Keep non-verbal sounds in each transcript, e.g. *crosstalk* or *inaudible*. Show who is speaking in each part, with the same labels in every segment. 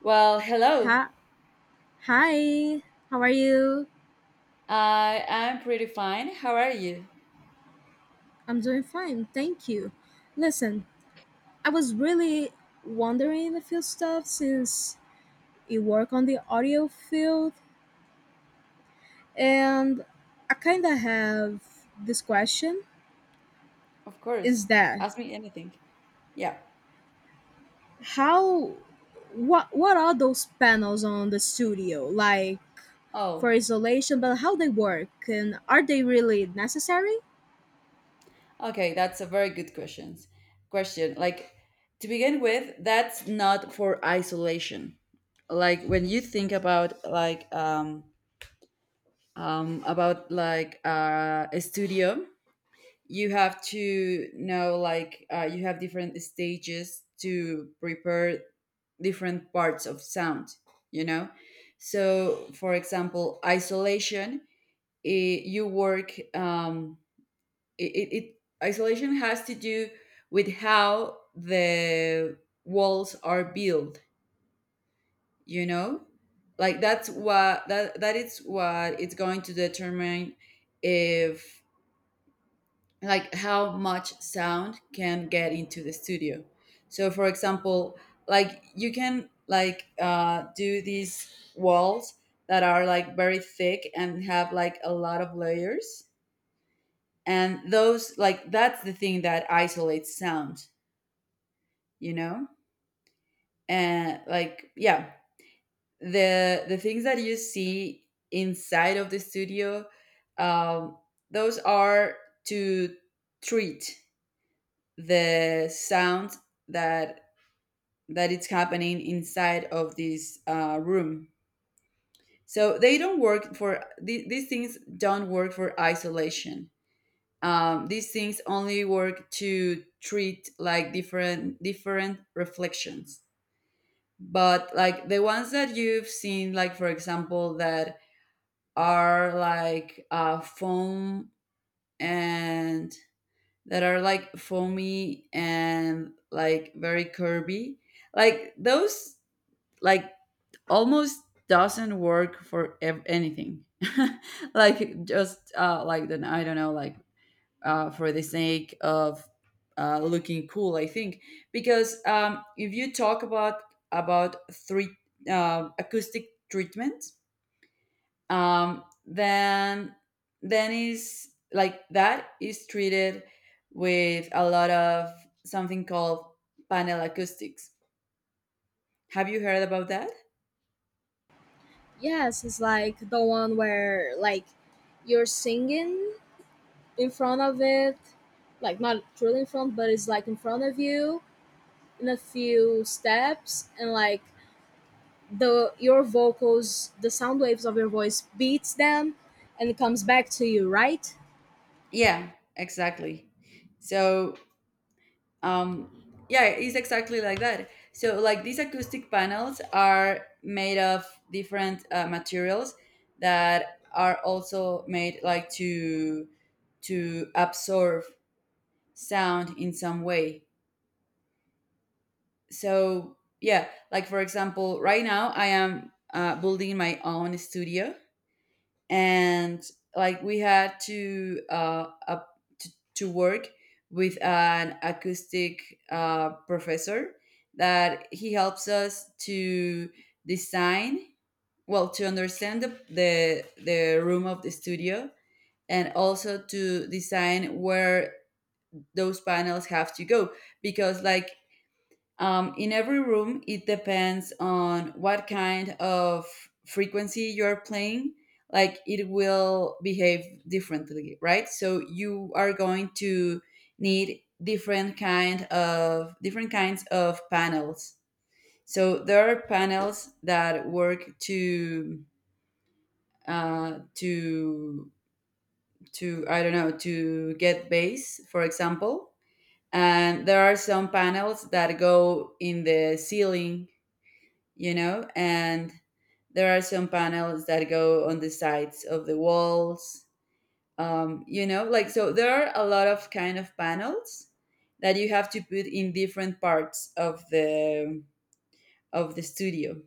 Speaker 1: Well, hello.
Speaker 2: Ha- Hi, how are you?
Speaker 1: I'm pretty fine. How are you?
Speaker 2: I'm doing fine, thank you. Listen, I was really wondering a few stuff since you work on the audio field, and I kind of have this question:
Speaker 1: Of course.
Speaker 2: Is that
Speaker 1: Ask me anything. Yeah.
Speaker 2: how? What are those panels on the studio like for
Speaker 1: Oh,
Speaker 2: isolation? But how they work, and are they really necessary?
Speaker 1: okay. That's a very good question. Question. To begin with, that's not for isolation. Like when you think about like about a studio, you have to know like you have different stages to prepare different parts of sound, you know. So for example, isolation, you work, it isolation has to do with how the walls are built, you know. Like that's what that is what it's going to determine if, like, how much sound can get into the studio. So for example, like you can do these walls that are like very thick and have like a lot of layers. And those, like, that's the thing that isolates sound, you know? And like, yeah, the things that you see inside of the studio, um, those are to treat the sound that it's happening inside of this room. So they don't work for these things. Don't work for isolation. These things only work to treat like different reflections. But like the ones that you've seen, like for example, that are like foam and that are like foamy and like very curvy. Like those, like, almost doesn't work for anything. *laughs* Like just like, then I don't know, like for the sake of looking cool, I think, because if you talk about three acoustic treatment, then is, like, that is treated with a lot of something called panel acoustics. Have you heard about that?
Speaker 2: Yes, it's like the one where like you're singing in front of it, like not truly in front, but it's like in front of you in a few steps, and like the your vocals, the sound waves of your voice beats them, and it comes back to you, right?
Speaker 1: Yeah, exactly. So, um, yeah, it's exactly like that. So, like, these acoustic panels are made of different materials that are also made like to absorb sound in some way. So yeah, like for example, right now I am building my own studio, and like we had to to work with an acoustic professor that he helps us to design, well, to understand the room of the studio and also to design where those panels have to go, because like, in every room, it depends on what kind of frequency you're playing. Like it will behave differently, right? So you are going to need different kind of different kinds of panels. So there are panels that work to uh, to I don't know, to get bass, for example. And there are some panels that go in the ceiling, you know, and there are some panels that go on the sides of the walls, you know. Like, so there are a lot of kind of panels that you have to put in different parts of the studio,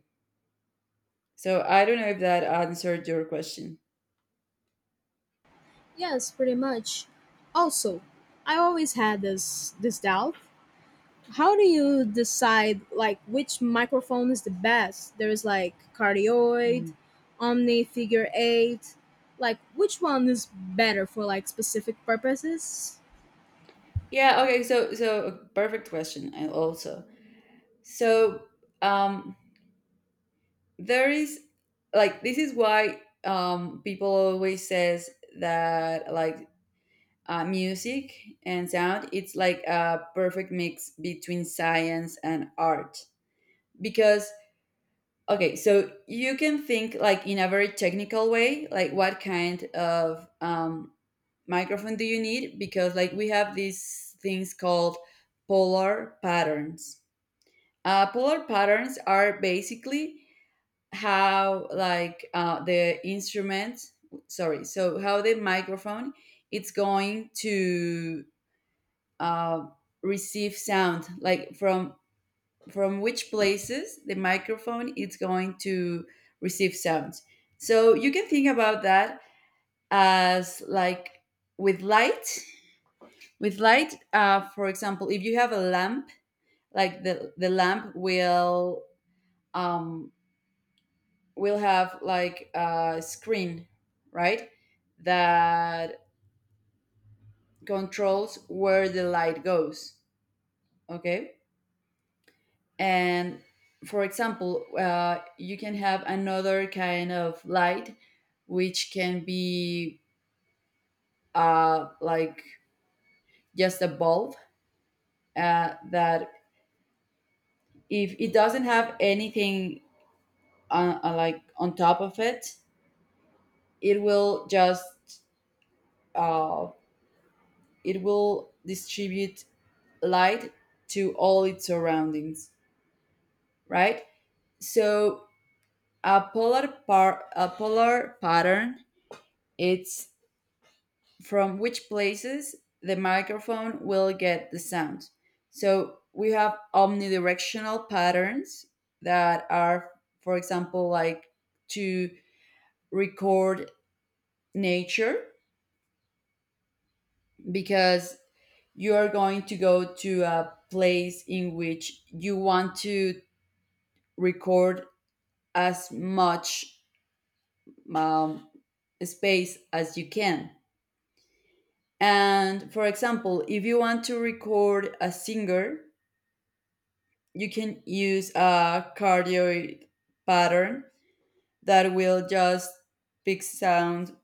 Speaker 1: so I don't know if that answered your question.
Speaker 2: Yes, pretty much. Also, I always had this doubt. How do you decide like which microphone is the best? There's like cardioid,
Speaker 1: Mhm.
Speaker 2: omni figure eight. Like which one is better for like specific purposes?
Speaker 1: Yeah, okay, so perfect question. And also, so, um there is, like, this is why people always says that, like, music and sound, it's like a perfect mix between science and art, because, okay, so you can think like in a very technical way, like what kind of microphone do you need, because like we have these things called polar patterns. Polar patterns are basically how, like, the instrument sorry so how the microphone it's going to uh, receive sound, like from which places the microphone is going to receive sounds. So you can think about that as like with light, with light, for example, if you have a lamp, like the lamp um will have like a screen, right, that controls where the light goes, okay. And for example, you can have another kind of light which can be like just a bulb, that if it doesn't have anything like on top of it, it will just uh, it will distribute light to all its surroundings, right. So a polar pattern, it's from which places the microphone will get the sound. So we have omnidirectional patterns that are, for example, like to record nature, because you are going to go to a place in which you want to record as much um, space as you can. And for example, if you want to record a singer, you can use a cardioid pattern that will just pick sound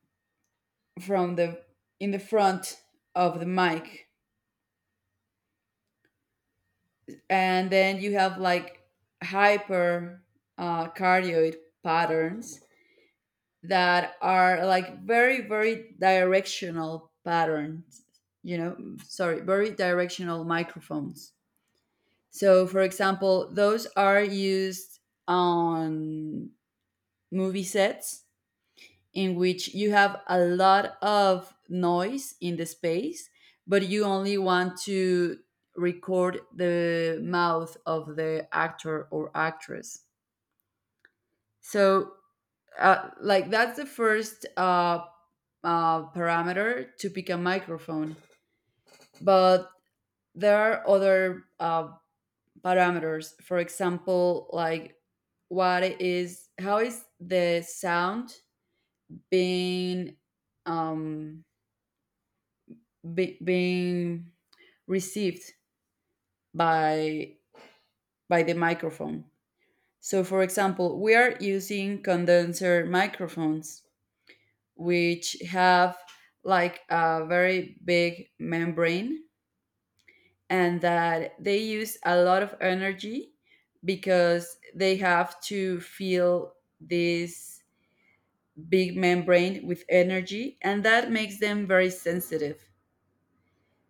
Speaker 1: from the in the front of the mic. And then you have like hyper cardioid patterns that are like very very directional patterns, you know, sorry, very directional microphones. So for example, those are used on movie sets in which you have a lot of noise in the space, but you only want to record the mouth of the actor or actress. So, like, that's the first parameter to pick a microphone. But there are other parameters. For example, like, what is, how is the sound being um being received by the microphone. So for example, we are using condenser microphones which have like a very big membrane, and that they use a lot of energy because they have to fill this big membrane with energy, and that makes them very sensitive.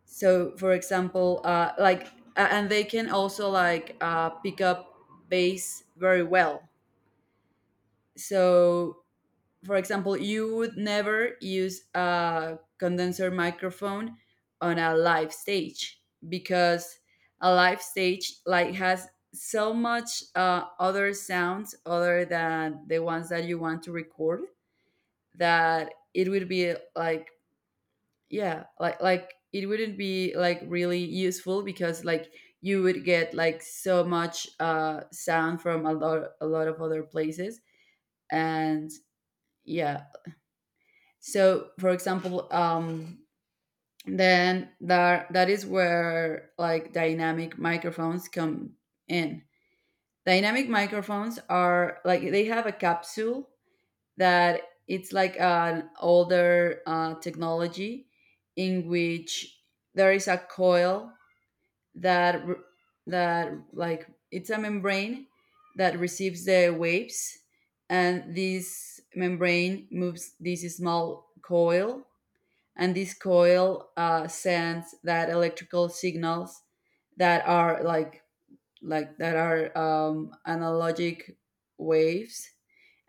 Speaker 1: So for example, like, and they can also like pick up bass very well. So for example, you would never use a condenser microphone on a live stage, because a live stage like has so much other sounds other than the ones that you want to record, that it would be like, yeah, like it wouldn't be like really useful, because like you would get like so much sound from a lot of other places. And yeah, so for example, then that is where like dynamic microphones come in. Dynamic microphones are like, they have a capsule that it's like an older technology, in which there is a coil that r- that like it's a membrane that receives the waves, and this membrane moves this small coil, and this coil sends that electrical signals, that are like that are analogic waves,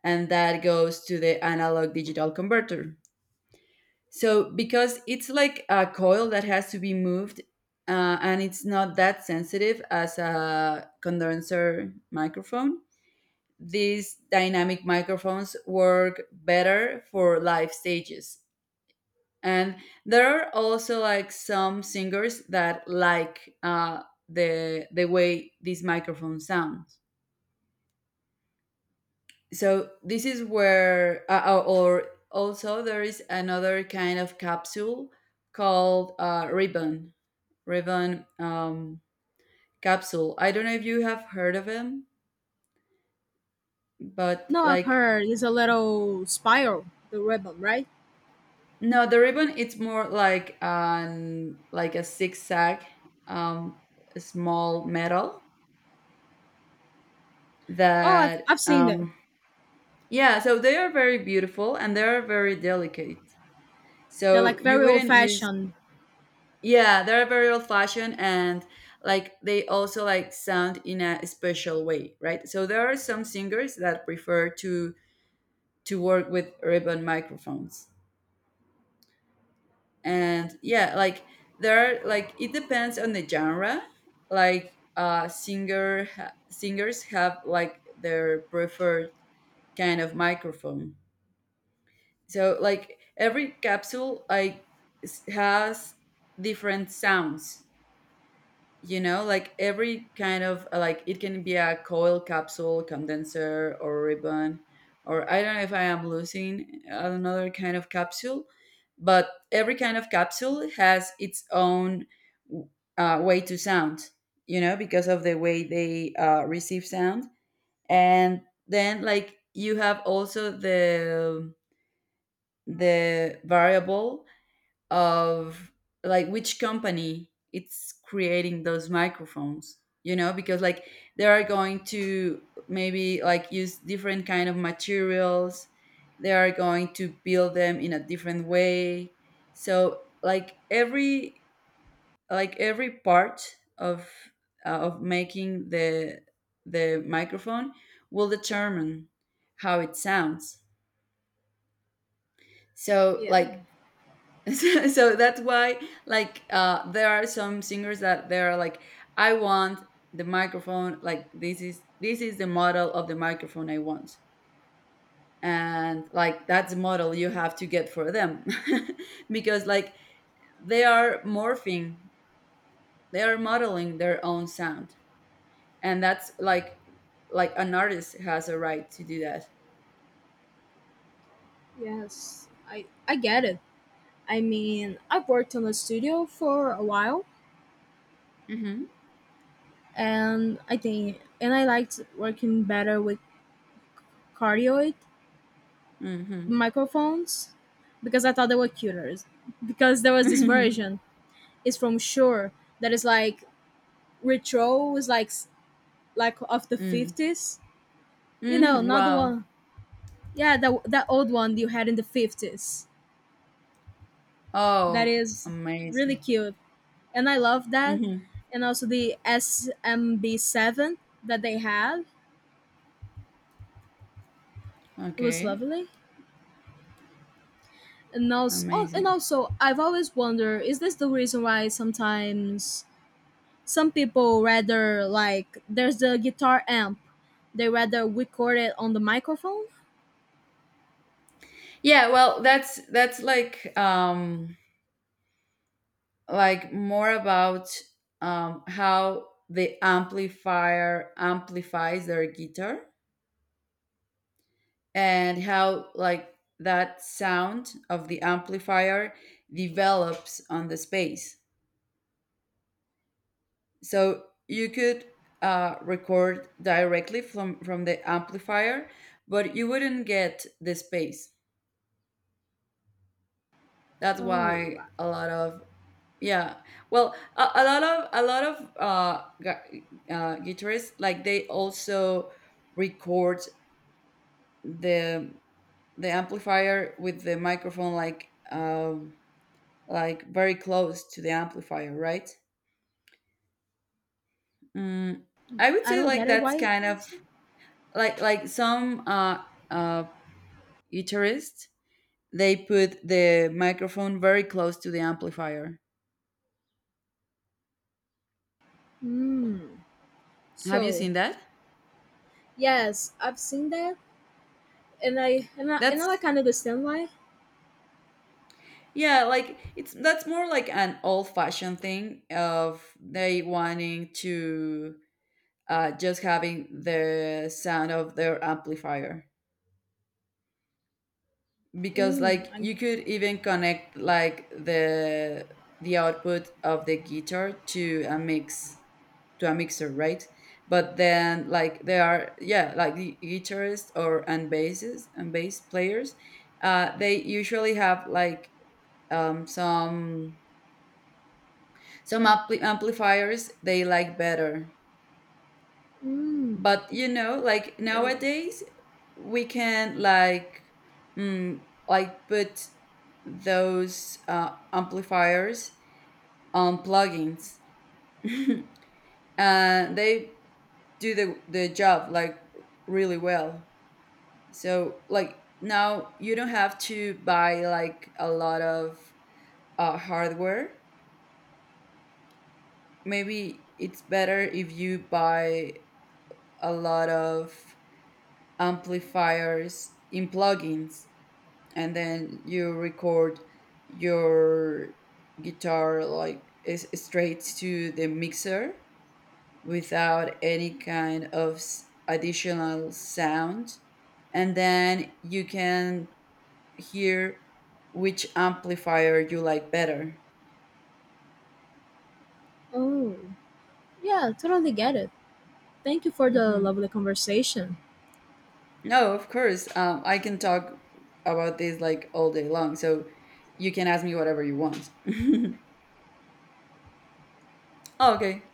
Speaker 1: and that goes to the analog digital converter. So because it's like a coil that has to be moved, and it's not that sensitive as a condenser microphone. These dynamic microphones work better for live stages. And there are also like some singers that like the way this microphone sounds. So this is where, or also there is another kind of capsule called ribbon. Revan, capsule. I don't know if you have heard of him, but
Speaker 2: No, I've
Speaker 1: like,
Speaker 2: heard it's a little spiral, the ribbon, right?
Speaker 1: no, the ribbon, it's more like an, like a zigzag, um, small metal
Speaker 2: Oh,
Speaker 1: that,
Speaker 2: I've seen them.
Speaker 1: yeah. So they are very beautiful and they are very delicate.
Speaker 2: They're
Speaker 1: So
Speaker 2: like
Speaker 1: you
Speaker 2: very old
Speaker 1: wouldn't use,
Speaker 2: fashioned.
Speaker 1: yeah, they are very old fashioned, and like they also like sound in a special way, right? So there are some singers that prefer to work with ribbon microphones. And yeah, like there are, like it depends on the genre. Like singers have like their preferred kind of microphone. So like every capsule like has different sounds, you know, like every kind of like, it can be a coil capsule, condenser, or ribbon, or I don't know if I am losing another kind of capsule, but every kind of capsule has its own way to sound, you know, because of the way they receive sound. And then like you have also the variable of like which company it's creating those microphones, you know, because like they are going to maybe like use different kind of materials, they are going to build them in a different way. So like every, like every part of making the microphone will determine how it sounds. So
Speaker 2: Yeah,
Speaker 1: like, *laughs* so that's why, like, there are some singers that they're like, I want the microphone like, this is, this is the model of the microphone I want, and like that's the model you have to get for them. *laughs* Because like, they are morphing, they are modeling their own sound, and that's like an artist has a right to do that.
Speaker 2: yes. I get it. I mean, I've worked in a studio for a while
Speaker 1: Mm-hmm
Speaker 2: and I think and I liked working better with cardioid
Speaker 1: mm-hmm
Speaker 2: microphones because I thought they were cuter. Because there was this version,
Speaker 1: *laughs*
Speaker 2: it's from Shure that is like retro, is like like of the
Speaker 1: Mm.
Speaker 2: fifties. You know,
Speaker 1: Hmm.
Speaker 2: not the
Speaker 1: Wow.
Speaker 2: one. Yeah, that old one you had in the 50s. That
Speaker 1: Oh,
Speaker 2: is really
Speaker 1: amazing.
Speaker 2: cute, and I love that.
Speaker 1: Mm-hmm.
Speaker 2: And also the SMB7 that they had, it was
Speaker 1: Okay.
Speaker 2: lovely. And also, oh, and
Speaker 1: Amazing.
Speaker 2: also, I've always wondered: is this the reason why sometimes some people rather like there's the guitar amp, they rather record it on the microphone?
Speaker 1: Yeah, well, that's like, like more about how the amplifier amplifies their guitar, and how like that sound of the amplifier develops on the space. So you could record directly from the amplifier, but you wouldn't get the space. That's
Speaker 2: Oh,
Speaker 1: why a lot of, yeah, well, a, a lot of guitarists like, they also record the the amplifier with the microphone, like very close to the amplifier, right? Mm, I would
Speaker 2: I
Speaker 1: say
Speaker 2: don't
Speaker 1: like
Speaker 2: get it.
Speaker 1: that's
Speaker 2: Why?
Speaker 1: kind of like some uh, guitarists, they put the microphone very close to the amplifier.
Speaker 2: Hmm.
Speaker 1: Have you
Speaker 2: So
Speaker 1: seen that?
Speaker 2: yes, I've seen that. And I and now I
Speaker 1: That's,
Speaker 2: can understand why.
Speaker 1: yeah, like it's, that's more like an old-fashioned thing of they wanting to just having the sound of their amplifier. Because
Speaker 2: Mm,
Speaker 1: like,
Speaker 2: I
Speaker 1: you could even connect like the output of the guitar to a mix to a mixer, right? But then like there are, yeah, like the guitarists or and basses and bass players, they usually have like, um, some some amplifiers they like better.
Speaker 2: mm,
Speaker 1: But you know, like
Speaker 2: I Get it.
Speaker 1: nowadays we can like, mm, like put those amplifiers on plugins *laughs* and they do the job like really well. So like now you don't have to buy like a lot of hardware. Maybe it's better if you buy a lot of amplifiers in plugins, and then you record your guitar like is straight to the mixer without any kind of additional sound. And then you can hear which amplifier you like better.
Speaker 2: Oh yeah, totally get it. Thank you for the
Speaker 1: Mhm.
Speaker 2: lovely conversation.
Speaker 1: No, of course. I can talk about this like all day long, so you can ask me whatever you want. *laughs* Okay.